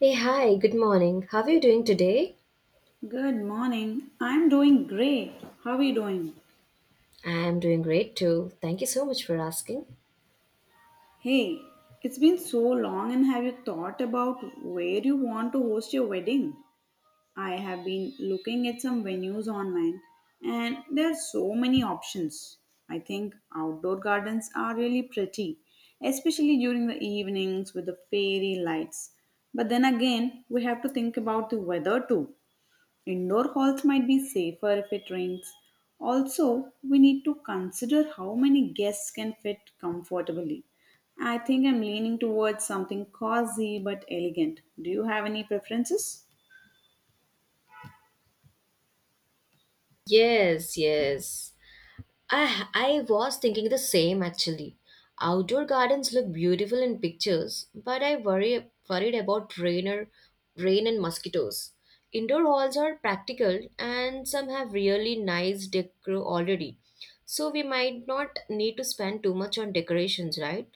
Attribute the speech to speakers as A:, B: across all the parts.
A: Hey, hi, good morning. How are you doing today?
B: Good morning. I'm doing great. How are you doing?
A: I am doing great too. Thank you so much for asking.
B: Hey, it's been so long, and have you thought about where you want to host your wedding? I have been looking at some venues online, and there are so many options. I think outdoor gardens are really pretty, especially during the evenings with the fairy lights. But then again, we have to think about the weather too. Indoor halls might be safer if it rains. Also, we need to consider how many guests can fit comfortably. I think I'm leaning towards something cozy but elegant. Do you have any preferences?
A: Yes, yes. I was thinking the same actually. Outdoor gardens look beautiful in pictures, but I worry worried about rain or rain and mosquitoes. Indoor halls are practical and some have really nice decor already. So we might not need to spend too much on decorations, right?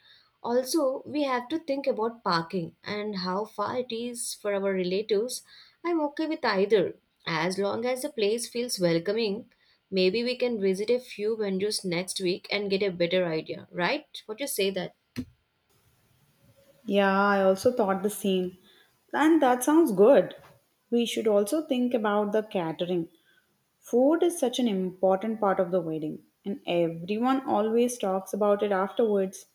A: Also, we have to think about parking and how far it is for our relatives. I'm okay with either. As long as the place feels welcoming, maybe we can visit a few venues next week and get a better idea, right? What you say that?
B: Yeah, I also thought the same. And that sounds good. We should also think about the catering. Food is such an important part of the wedding, and everyone always talks about it afterwards.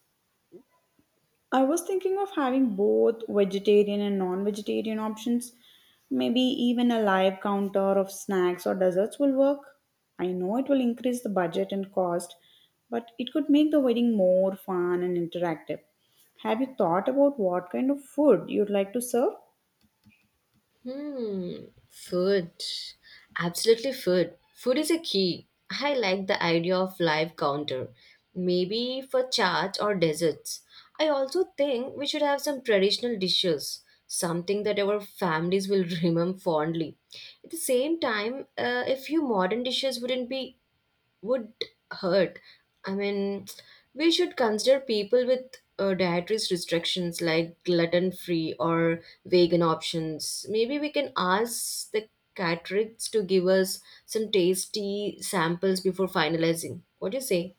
B: I was thinking of having both vegetarian and non vegetarian options. Maybe even a live counter of snacks or desserts will work. I know it will increase the budget and cost, but it could make the wedding more fun and interactive. Have you thought about what kind of food you'd like to serve?
A: Hmm, food. Absolutely food. Food is a key. I like the idea of live counter. Maybe for charts or desserts. I also think we should have some traditional dishes, something that our families will remember fondly. At the same time, a few modern dishes wouldn't be would hurt. I mean, we should consider people with dietary restrictions like gluten free or vegan options. Maybe we can ask the caterers to give us some tasty samples before finalizing. What do you say?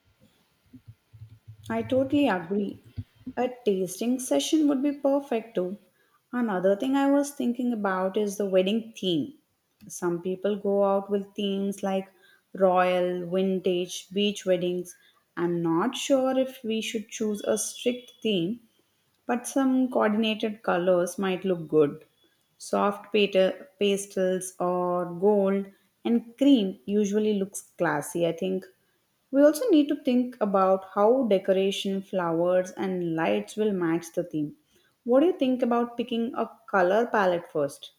B: I totally agree. A tasting session would be perfect too. Another thing I was thinking about is the wedding theme. Some people go out with themes like royal, vintage, beach weddings. I'm not sure if we should choose a strict theme, but some coordinated colors might look good. Pastels or gold and cream usually looks classy, I think. We also need to think about how decoration, flowers, and lights will match the theme. What do you think about picking a color palette first?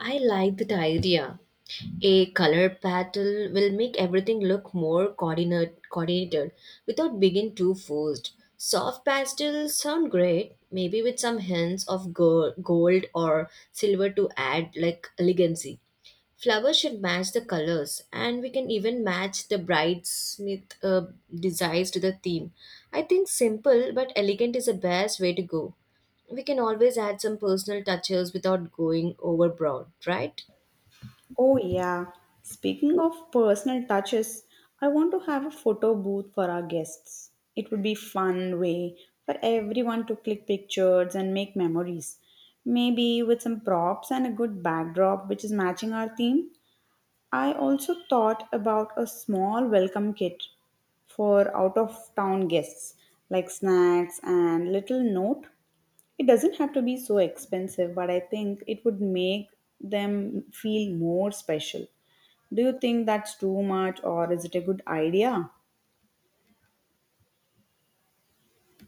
A: I like that idea. A color pattern will make everything look more coordinated without being too forced. Soft pastels sound great, maybe with some hints of gold or silver to add like elegancy. Flowers should match the colors, and we can even match the bridesmith designs to the theme. I think simple but elegant is the best way to go we can always add some personal touches without going overboard, right?
B: Oh, yeah. Speaking of personal touches, I want to have a photo booth for our guests. It would be fun way for everyone to click pictures and make memories. Maybe with some props and a good backdrop which is matching our theme. I also thought about a small welcome kit for out of town guests, like snacks and little note. It doesn't have to be so expensive, but I think it would make them feel more special. Do you think that's too much or is it a good idea?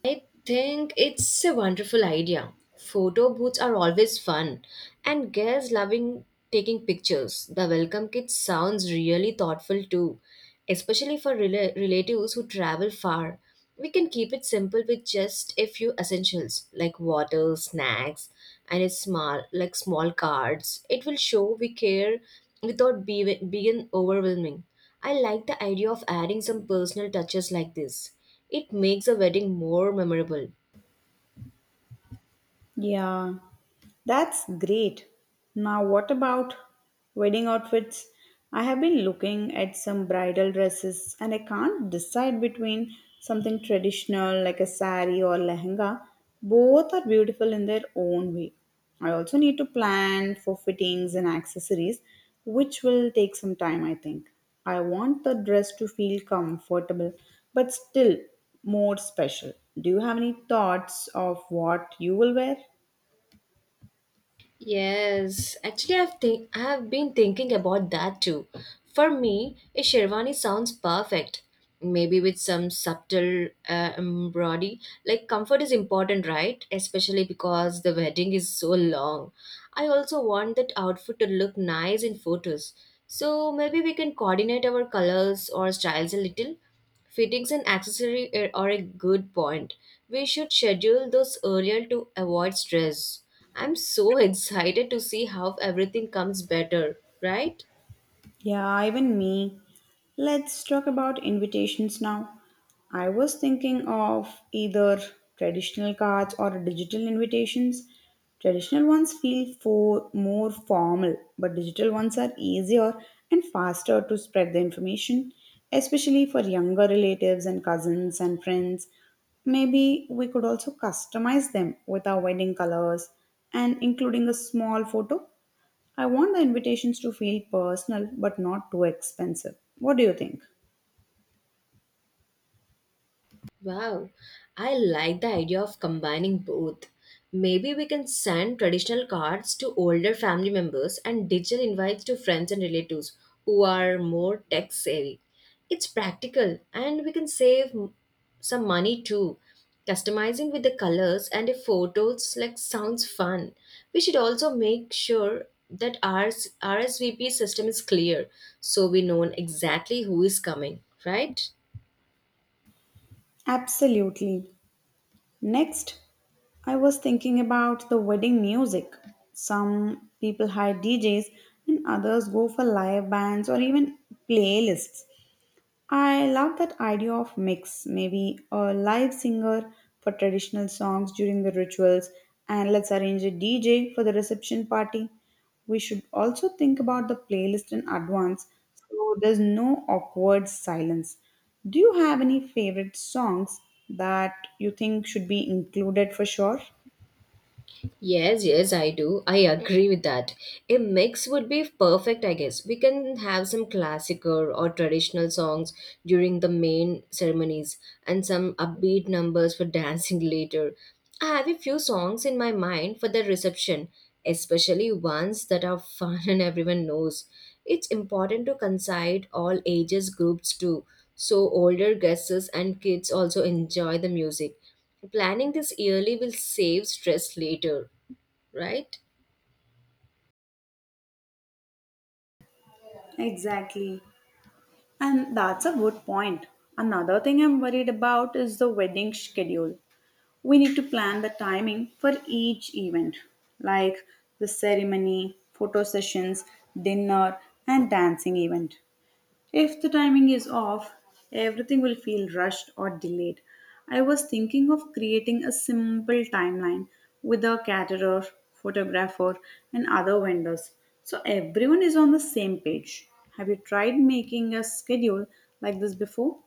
A: I think it's a wonderful idea. Photo booths are always fun, and girls loving taking pictures. The welcome kit sounds really thoughtful too, especially for relatives who travel far. We can keep it simple with just a few essentials like water, snacks, and a small cards. It will show we care without being overwhelming. I like the idea of adding some personal touches like this. It makes a wedding more memorable.
B: Yeah, that's great. Now, what about wedding outfits? I have been looking at some bridal dresses and I can't decide between something traditional like a sari or lehenga. Both are beautiful in their own way. I also need to plan for fittings and accessories, which will take some time, I think. I want the dress to feel comfortable, but still more special. Do you have any thoughts of what you will wear?
A: Yes, actually, I've been thinking about that too. For me, a sherwani sounds perfect. Maybe with some subtle embroidery. Like comfort is important, right? Especially because the wedding is so long. I also want that outfit to look nice in photos. So maybe we can coordinate our colors or styles a little. Fittings and accessory are a good point. We should schedule those earlier to avoid stress. I'm so excited to see how everything comes better, right?
B: Yeah, even me. Let's talk about invitations now. I was thinking of either traditional cards or digital invitations. Traditional ones feel for more formal, but digital ones are easier and faster to spread the information, especially for younger relatives and cousins and friends. Maybe we could also customize them with our wedding colors and including a small photo. I want the invitations to feel personal but not too expensive. What do you think?
A: Wow, I like the idea of combining both. Maybe we can send traditional cards to older family members and digital invites to friends and relatives who are more tech savvy. It's practical and we can save some money too. Customizing with the colors and the photos like sounds fun. We should also make sure that our RSVP system is clear so we know exactly who is coming, right?
B: Absolutely. Next, I was thinking about the wedding music. Some people hire DJs and others go for live bands or even playlists. I love that idea of mix, maybe a live singer for traditional songs during the rituals, and let's arrange a DJ for the reception party. We should also think about the playlist in advance so there's no awkward silence. Do you have any favorite songs that you think should be included for sure?
A: Yes, yes, I do. I agree with that. A mix would be perfect, I guess. We can have some classical or traditional songs during the main ceremonies and some upbeat numbers for dancing later. I have a few songs in my mind for the reception, especially ones that are fun and everyone knows. It's important to consider all ages groups too, so older guests and kids also enjoy the music. Planning this early will save stress later, right?
B: Exactly. And that's a good point. Another thing I'm worried about is the wedding schedule. We need to plan the timing for each event, like the ceremony, photo sessions, dinner, and dancing event. If the timing is off, everything will feel rushed or delayed. I was thinking of creating a simple timeline with a caterer, photographer, and other vendors so everyone is on the same page. Have you tried making a schedule like this before?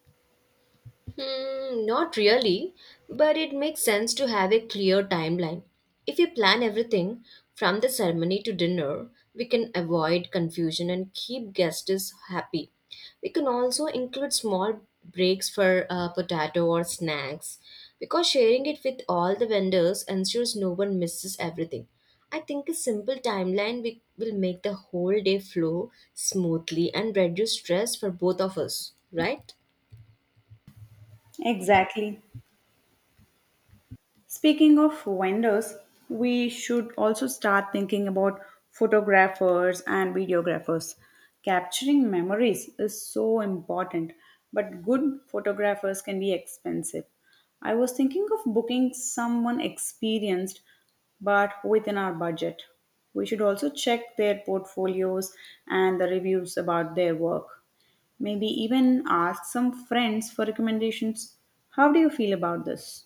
A: Not really, but it makes sense to have a clear timeline. If we plan everything from the ceremony to dinner, we can avoid confusion and keep guests happy. We can also include small breaks for potato or snacks because sharing it with all the vendors ensures no one misses everything. I think a simple timeline will make the whole day flow smoothly and reduce stress for both of us, right?
B: Exactly. Speaking of vendors, we should also start thinking about photographers and videographers. Capturing memories is so important, but good photographers can be expensive. I was thinking of booking someone experienced but within our budget. We should also check their portfolios and the reviews about their work. Maybe even ask some friends for recommendations. How do you feel about this?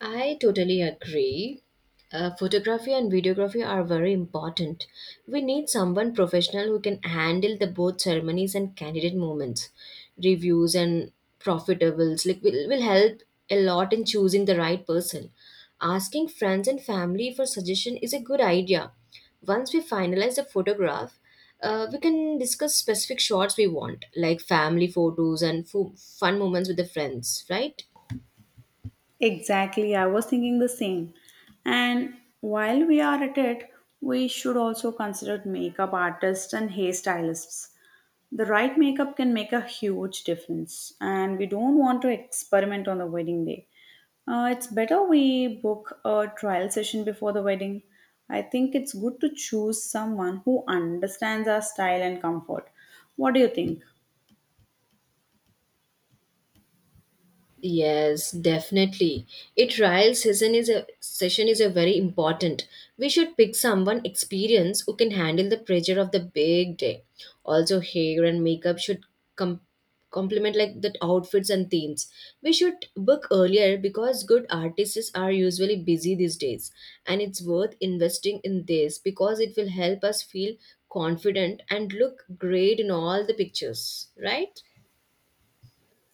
A: I totally agree. Photography and videography are very important. We need someone professional who can handle the both ceremonies and candidate moments, reviews and profitables. Like will help a lot in choosing the right person. Asking friends and family for suggestion is a good idea. Once we finalize the photograph, we can discuss specific shots we want, like family photos and fun moments with the friends. Right?
B: Exactly, I was thinking the same. And while we are at it, we should also consider makeup artists and hairstylists. The right makeup can make a huge difference, and we don't want to experiment on the wedding day. It's better we book a trial session before the wedding. I think it's good to choose someone who understands our style and comfort. What do you think?
A: Yes, definitely. A trial session is a very important. We should pick someone experienced who can handle the pressure of the big day. Also, hair and makeup should com- complement like the outfits and themes. We should book earlier because good artists are usually busy these days, and it's worth investing in this because it will help us feel confident and look great in all the pictures, right?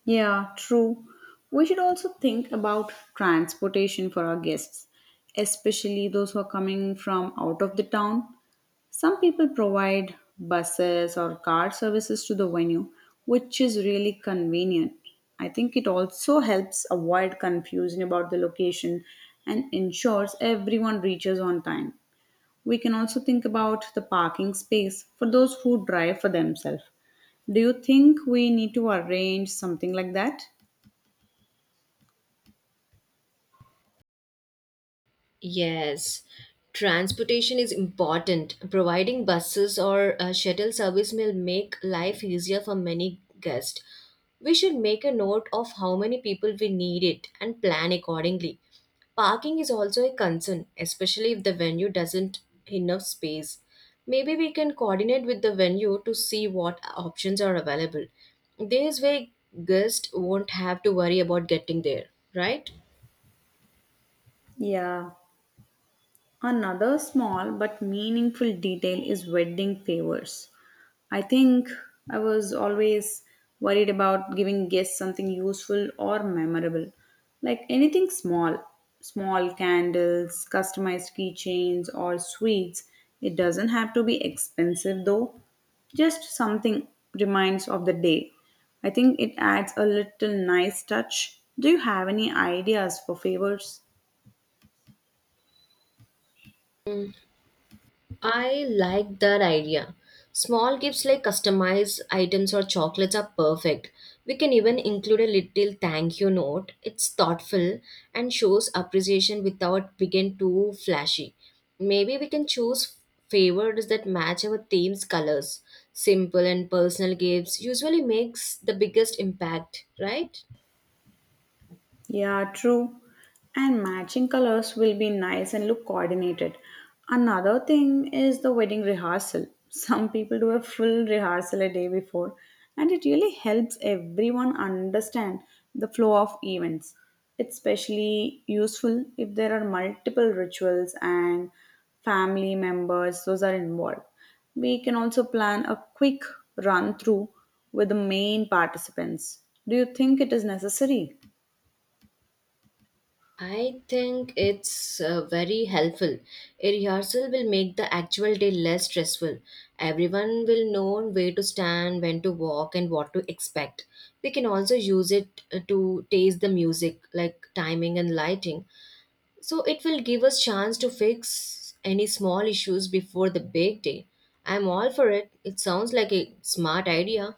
B: Yeah, true. We should also think about transportation for our guests, especially those who are coming from out of the town. Some people provide buses or car services to the venue, which is really convenient. I think it also helps avoid confusion about the location and ensures everyone reaches on time. We can also think about the parking space for those who drive for themselves. Do you think we need to arrange something like that?
A: Yes, transportation is important. Providing buses or a shuttle service will make life easier for many guests. We should make a note of how many people we need it and plan accordingly. Parking is also a concern, especially if the venue doesn't enough space. Maybe we can coordinate with the venue to see what options are available. This way, guests won't have to worry about getting there, right?
B: Yeah. Another small but meaningful detail is wedding favors. I think I was always worried about giving guests something useful or memorable, like anything small candles, customized keychains, or sweets. It doesn't have to be expensive though, just something reminds of the day. I think it adds a little nice touch. Do you have any ideas for favors?
A: I like that idea. Small gifts like customized items or chocolates are perfect. We can even include a little thank you note. It's thoughtful and shows appreciation without being too flashy. Maybe we can choose favors that match our theme's colors. Simple and personal gifts usually makes the biggest impact, right?
B: Yeah, true. And matching colors will be nice and look coordinated. Another thing is the wedding rehearsal. Some people do a full rehearsal a day before, and it really helps everyone understand the flow of events. It's especially useful if there are multiple rituals and family members, those are involved. We can also plan a quick run through with the main participants. Do you think it is necessary?
A: I think it's very helpful. A rehearsal will make the actual day less stressful. Everyone will know where to stand, when to walk, and what to expect. We can also use it to taste the music, like timing and lighting. So it will give us chance to fix any small issues before the big day. I'm all for it. It sounds like a smart idea.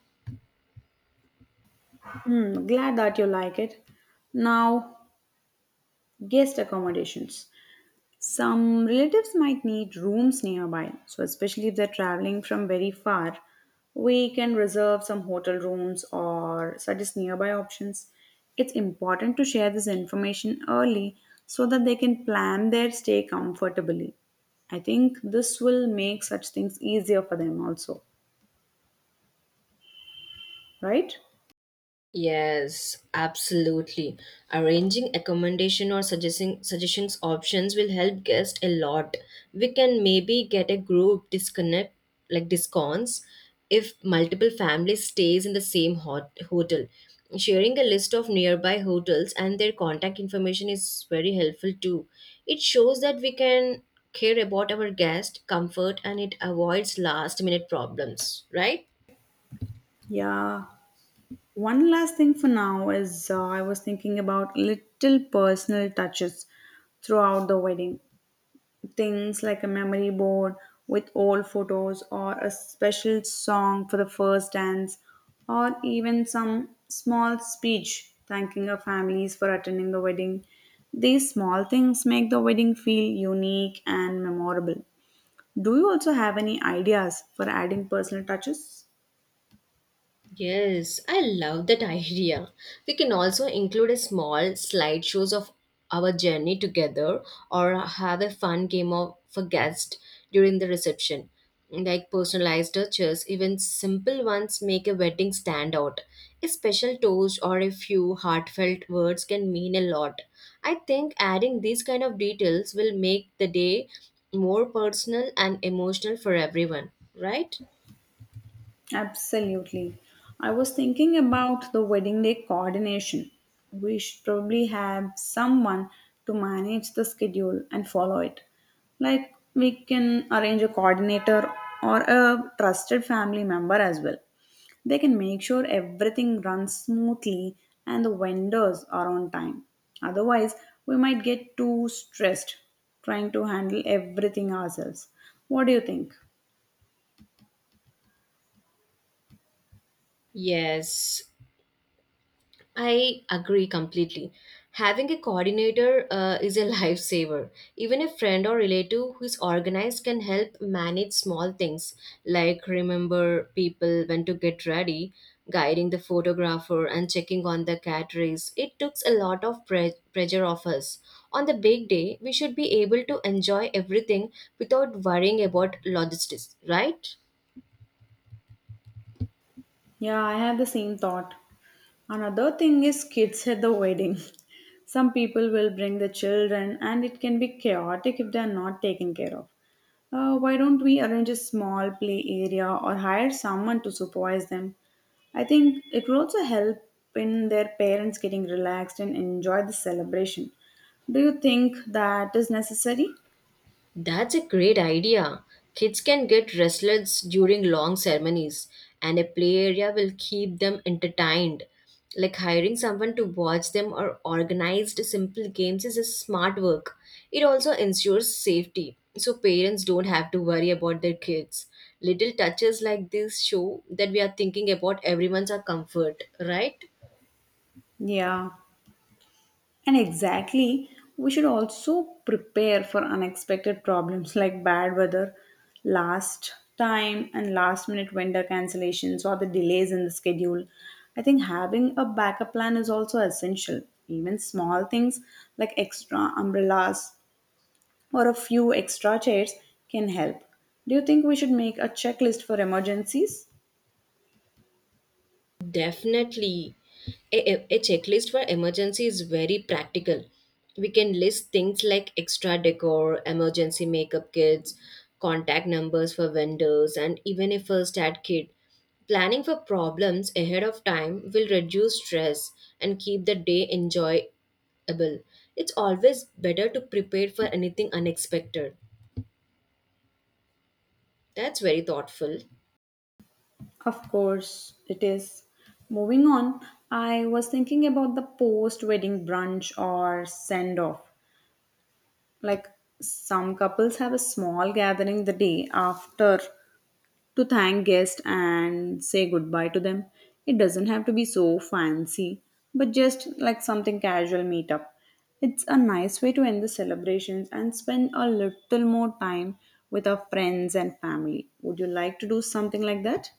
B: Hmm, glad that you like it. Now, guest accommodations. Some relatives might need rooms nearby, so especially if they're traveling from very far, we can reserve some hotel rooms or suggest nearby options. It's important to share this information early so that they can plan their stay comfortably. I think this will make such things easier for them also, right?
A: Yes, absolutely. Arranging accommodation or suggesting suggestions options will help guests a lot. We can maybe get a group disconnect like discounts if multiple families stays in the same hotel. Sharing a list of nearby hotels and their contact information is very helpful too. It shows that we can care about our guest comfort and it avoids last minute problems, right?
B: Yeah. One last thing for now is, I was thinking about little personal touches throughout the wedding. Things like a memory board with old photos, or a special song for the first dance, or even some small speech thanking our families for attending the wedding. These small things make the wedding feel unique and memorable. Do you also have any ideas for adding personal touches?
A: Yes, I love that idea. We can also include a small slideshows of our journey together or have a fun game of for guests during the reception. Like personalized touches, even simple ones make a wedding stand out. A special toast or a few heartfelt words can mean a lot. I think adding these kind of details will make the day more personal and emotional for everyone, right?
B: Absolutely. I was thinking about the wedding day coordination. We should probably have someone to manage the schedule and follow it. Like we can arrange a coordinator or a trusted family member as well. They can make sure everything runs smoothly and the vendors are on time. Otherwise, we might get too stressed trying to handle everything ourselves. What do you think?
A: Yes, I agree completely. Having a coordinator is a lifesaver. Even a friend or relative who is organized can help manage small things like remember people when to get ready, guiding the photographer, and checking on the cat race. It takes a lot of pressure off us. On the big day, we should be able to enjoy everything without worrying about logistics, right?
B: Yeah, I had the same thought. Another thing is kids at the wedding. Some people will bring the children, and it can be chaotic if they are not taken care of. Why don't we arrange a small play area or hire someone to supervise them? I think it will also help in their parents getting relaxed and enjoy the celebration. Do you think that is necessary?
A: That's a great idea. Kids can get restless during long ceremonies, and a play area will keep them entertained. Like hiring someone to watch them or organized simple games is a smart work. It also ensures safety, so parents don't have to worry about their kids. Little touches like this show that we are thinking about everyone's our comfort, right?
B: Yeah. And exactly, we should also prepare for unexpected problems like bad weather, last time, and last minute vendor cancellations or the delays in the schedule. I think having a backup plan is also essential. Even small things like extra umbrellas or a few extra chairs can help. Do you think we should make a checklist for emergencies?
A: Definitely. A checklist for emergency is very practical. We can list things like extra decor, emergency makeup kits, contact numbers for vendors, and even a first aid kit. Planning for problems ahead of time will reduce stress and keep the day enjoyable. It's always better to prepare for anything unexpected. That's very thoughtful.
B: Of course, it is. Moving on, I was thinking about the post wedding brunch or send off. Like some couples have a small gathering the day after to thank guests and say goodbye to them. It doesn't have to be so fancy, but just like something casual meetup. It's a nice way to end the celebrations and spend a little more time with our friends and family. Would you like to do something like that?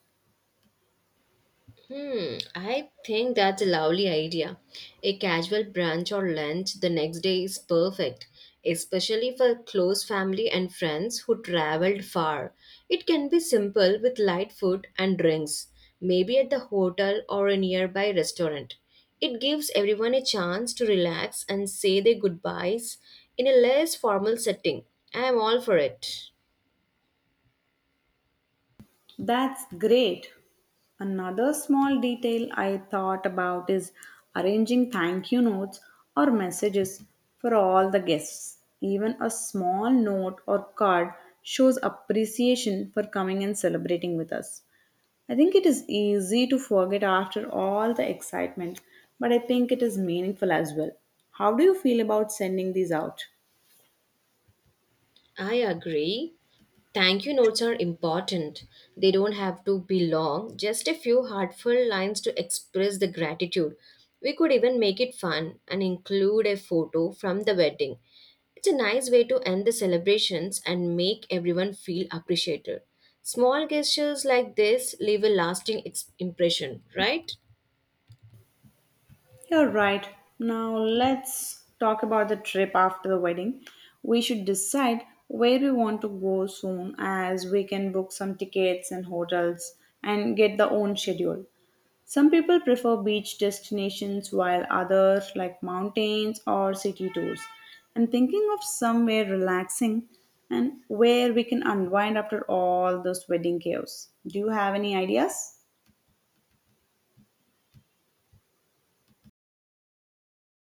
A: I think that's a lovely idea. A casual brunch or lunch the next day is perfect, especially for close family and friends who traveled far. It can be simple with light food and drinks, maybe at the hotel or a nearby restaurant. It gives everyone a chance to relax and say their goodbyes in a less formal setting. I am all for it.
B: That's great. Another small detail I thought about is arranging thank you notes or messages for all the guests. Even a small note or card shows appreciation for coming and celebrating with us. I think it is easy to forget after all the excitement, but I think it is meaningful as well. How do you feel about sending these out?
A: I agree. Thank you notes are important. They don't have to be long, just a few heartfelt lines to express the gratitude. We could even make it fun and include a photo from the wedding. It's a nice way to end the celebrations and make everyone feel appreciated. Small gestures like this leave a lasting impression, right?
B: You're right. Now let's talk about the trip after the wedding. We should decide where we want to go soon as we can book some tickets and hotels and get the own schedule. Some people prefer beach destinations while others like mountains or city tours. I'm thinking of somewhere relaxing and where we can unwind after all this wedding chaos. Do you have any ideas?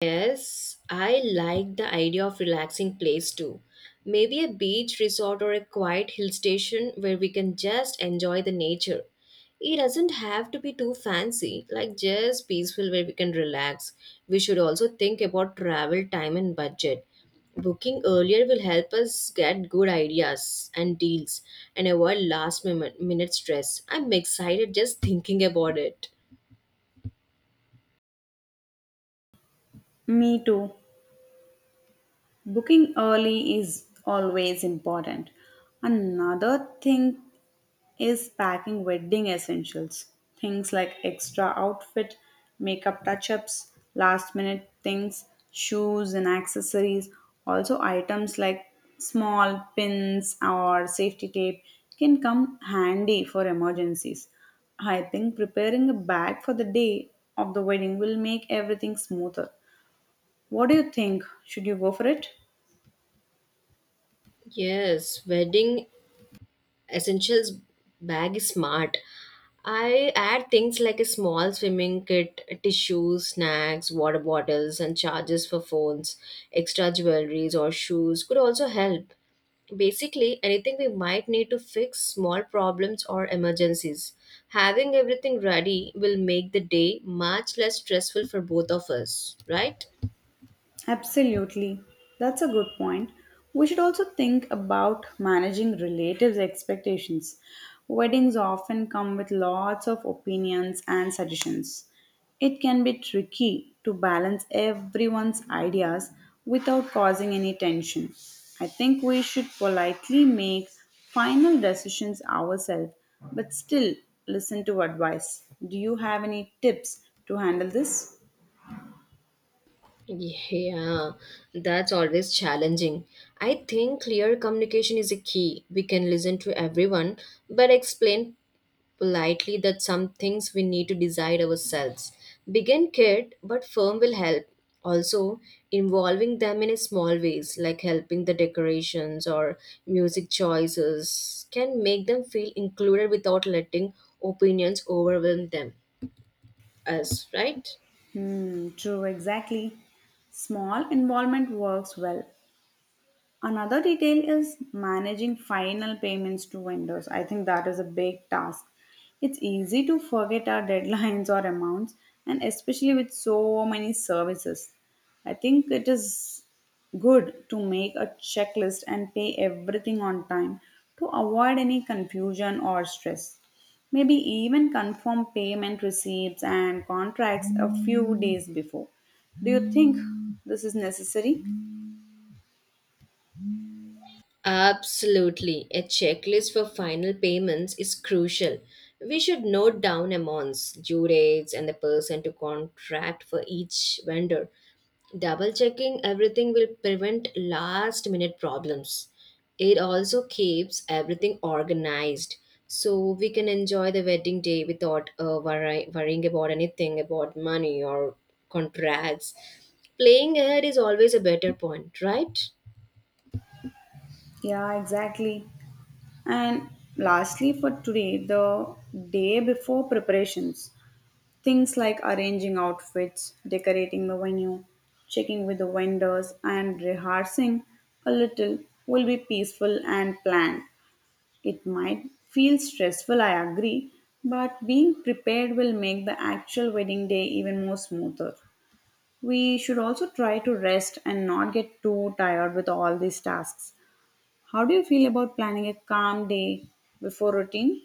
A: Yes, I like the idea of relaxing place too. Maybe a beach resort or a quiet hill station where we can just enjoy the nature. It doesn't have to be too fancy, like just peaceful where we can relax. We should also think about travel time and budget. Booking earlier will help us get good ideas and deals and avoid last minute stress. I'm excited just thinking about it.
B: Me too. Booking early is always important. Another thing is packing wedding essentials. Things like extra outfit, makeup touch ups, last minute things, shoes and accessories. Also, items like small pins or safety tape can come handy for emergencies. I think preparing a bag for the day of the wedding will make everything smoother. What do you think? Should you go for it?
A: Yes, wedding essentials bag is smart. I add things like a small swimming kit, tissues, snacks, water bottles, and chargers for phones. Extra jewelries or shoes could also help. Basically, anything we might need to fix small problems or emergencies. Having everything ready will make the day much less stressful for both of us, right?
B: Absolutely. That's a good point. We should also think about managing relatives' expectations. Weddings often come with lots of opinions and suggestions. It can be tricky to balance everyone's ideas without causing any tension. I think we should politely make final decisions ourselves but still listen to advice. Do you have any tips to handle this?
A: Yeah, that's always challenging. I think clear communication is a key. We can listen to everyone, but explain politely that some things we need to decide ourselves. Begin kid, but firm will help. Also, involving them in a small ways, like helping the decorations or music choices, can make them feel included without letting opinions overwhelm them. Us, right?
B: Hmm, true, exactly. Small involvement works well. Another detail is managing final payments to vendors. I think that is a big task. It's easy to forget our deadlines or amounts, and especially with so many services. I think it is good to make a checklist and pay everything on time to avoid any confusion or stress. Maybe even confirm payment receipts and contracts a few days before. Do you think this is necessary?
A: Absolutely. A checklist for final payments is crucial. We should note down amounts, due dates, and the person to contract for each vendor. Double checking everything will prevent last minute problems. It also keeps everything organized so we can enjoy the wedding day without worrying about anything about money or contracts. Playing ahead is always a better point, right?
B: Yeah, exactly. And lastly, for today, the day before preparations, things like arranging outfits, decorating the venue, checking with the vendors, and rehearsing a little will be peaceful and planned. It might feel stressful, I agree, but being prepared will make the actual wedding day even more smoother. We should also try to rest and not get too tired with all these tasks. How do you feel about planning a calm day before routine?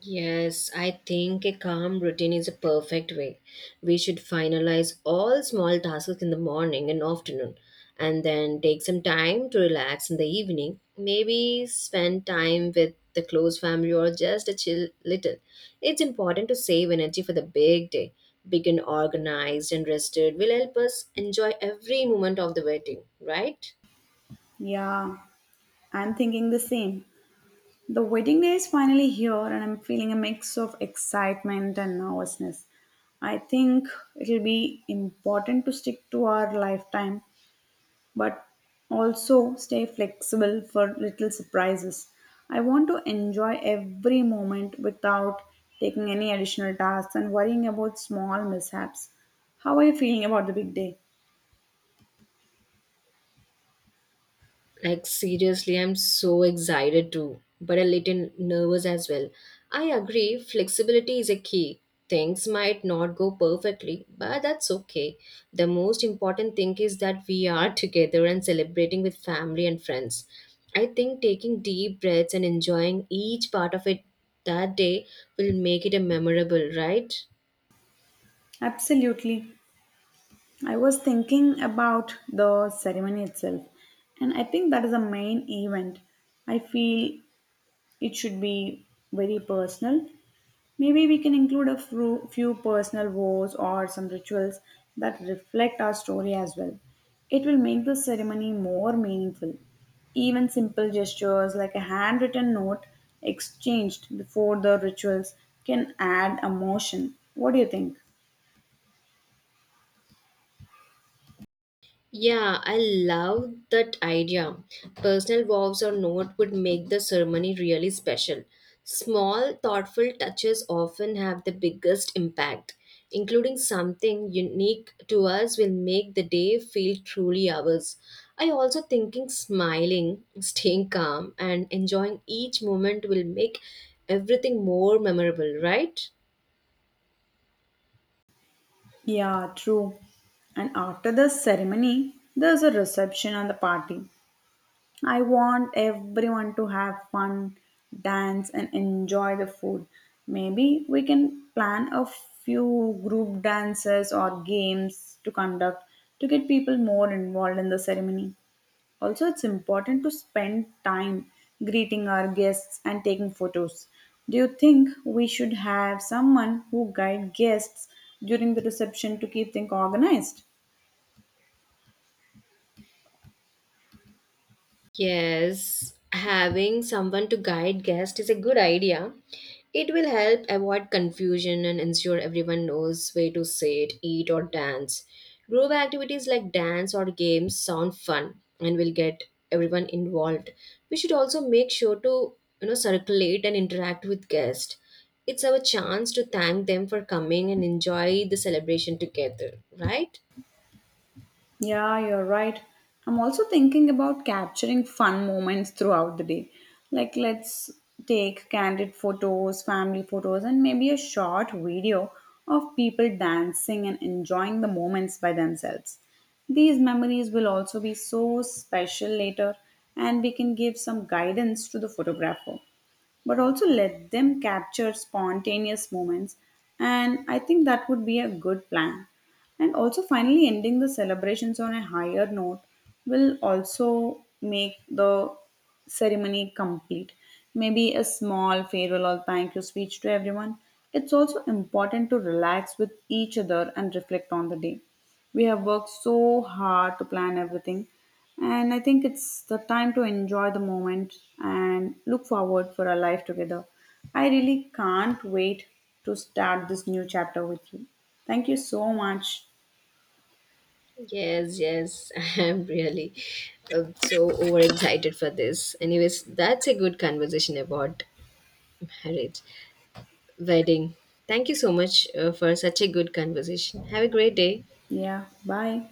A: Yes, I think a calm routine is a perfect way. We should finalize all small tasks in the morning and afternoon and then take some time to relax in the evening. Maybe spend time with the close family or just a chill little. It's important to save energy for the big day. Being organized and rested will help us enjoy every moment of the waiting, right?
B: Yeah, I'm thinking the same. The wedding day is finally here, and I'm feeling a mix of excitement and nervousness. I think it'll be important to stick to our lifetime, but also stay flexible for little surprises. I want to enjoy every moment without taking any additional tasks and worrying about small mishaps. How are you feeling about the big day?
A: Like seriously, I'm so excited too, but a little nervous as well. I agree, flexibility is a key. Things might not go perfectly, but that's okay. The most important thing is that we are together and celebrating with family and friends. I think taking deep breaths and enjoying each part of it that day will make it a memorable, right?
B: Absolutely. I was thinking about the ceremony itself, and I think that is the main event. I feel it should be very personal. Maybe we can include a few personal vows or some rituals that reflect our story as well. It will make the ceremony more meaningful. Even simple gestures like a handwritten note exchanged before the rituals can add emotion. What do you think?
A: Yeah, I love that idea. Personal vows or note would make the ceremony really special. Small, thoughtful touches often have the biggest impact. Including something unique to us will make the day feel truly ours. I also thinking smiling, staying calm, and enjoying each moment will make everything more memorable, right?
B: Yeah, true. And after the ceremony, there's a reception and the party. I want everyone to have fun, dance, and enjoy the food. Maybe we can plan a few group dances or games to conduct to get people more involved in the ceremony. Also, it's important to spend time greeting our guests and taking photos. Do you think we should have someone who guide guests during the reception to keep things organized?
A: Yes, having someone to guide guests is a good idea. It will help avoid confusion and ensure everyone knows where to sit, eat, or dance. Group activities like dance or games sound fun and will get everyone involved. We should also make sure to circulate and interact with guests. It's our chance to thank them for coming and enjoy the celebration together, right?
B: Yeah, you're right. I'm also thinking about capturing fun moments throughout the day. Like, let's take candid photos, family photos, and maybe a short video of people dancing and enjoying the moments by themselves. These memories will also be so special later, and we can give some guidance to the photographer but also let them capture spontaneous moments. And I think that would be a good plan. And also, finally, ending the celebrations on a higher note will also make the ceremony complete. Maybe a small farewell or thank you speech to everyone. It's also important to relax with each other and reflect on the day. We have worked so hard to plan everything, and I think it's the time to enjoy the moment and look forward for our life together. I really can't wait to start this new chapter with you. Thank you so much.
A: Yes, yes, I am really so overexcited for this. Anyways, that's a good conversation about marriage, wedding. Thank you so much for such a good conversation. Have a great day.
B: Yeah, bye.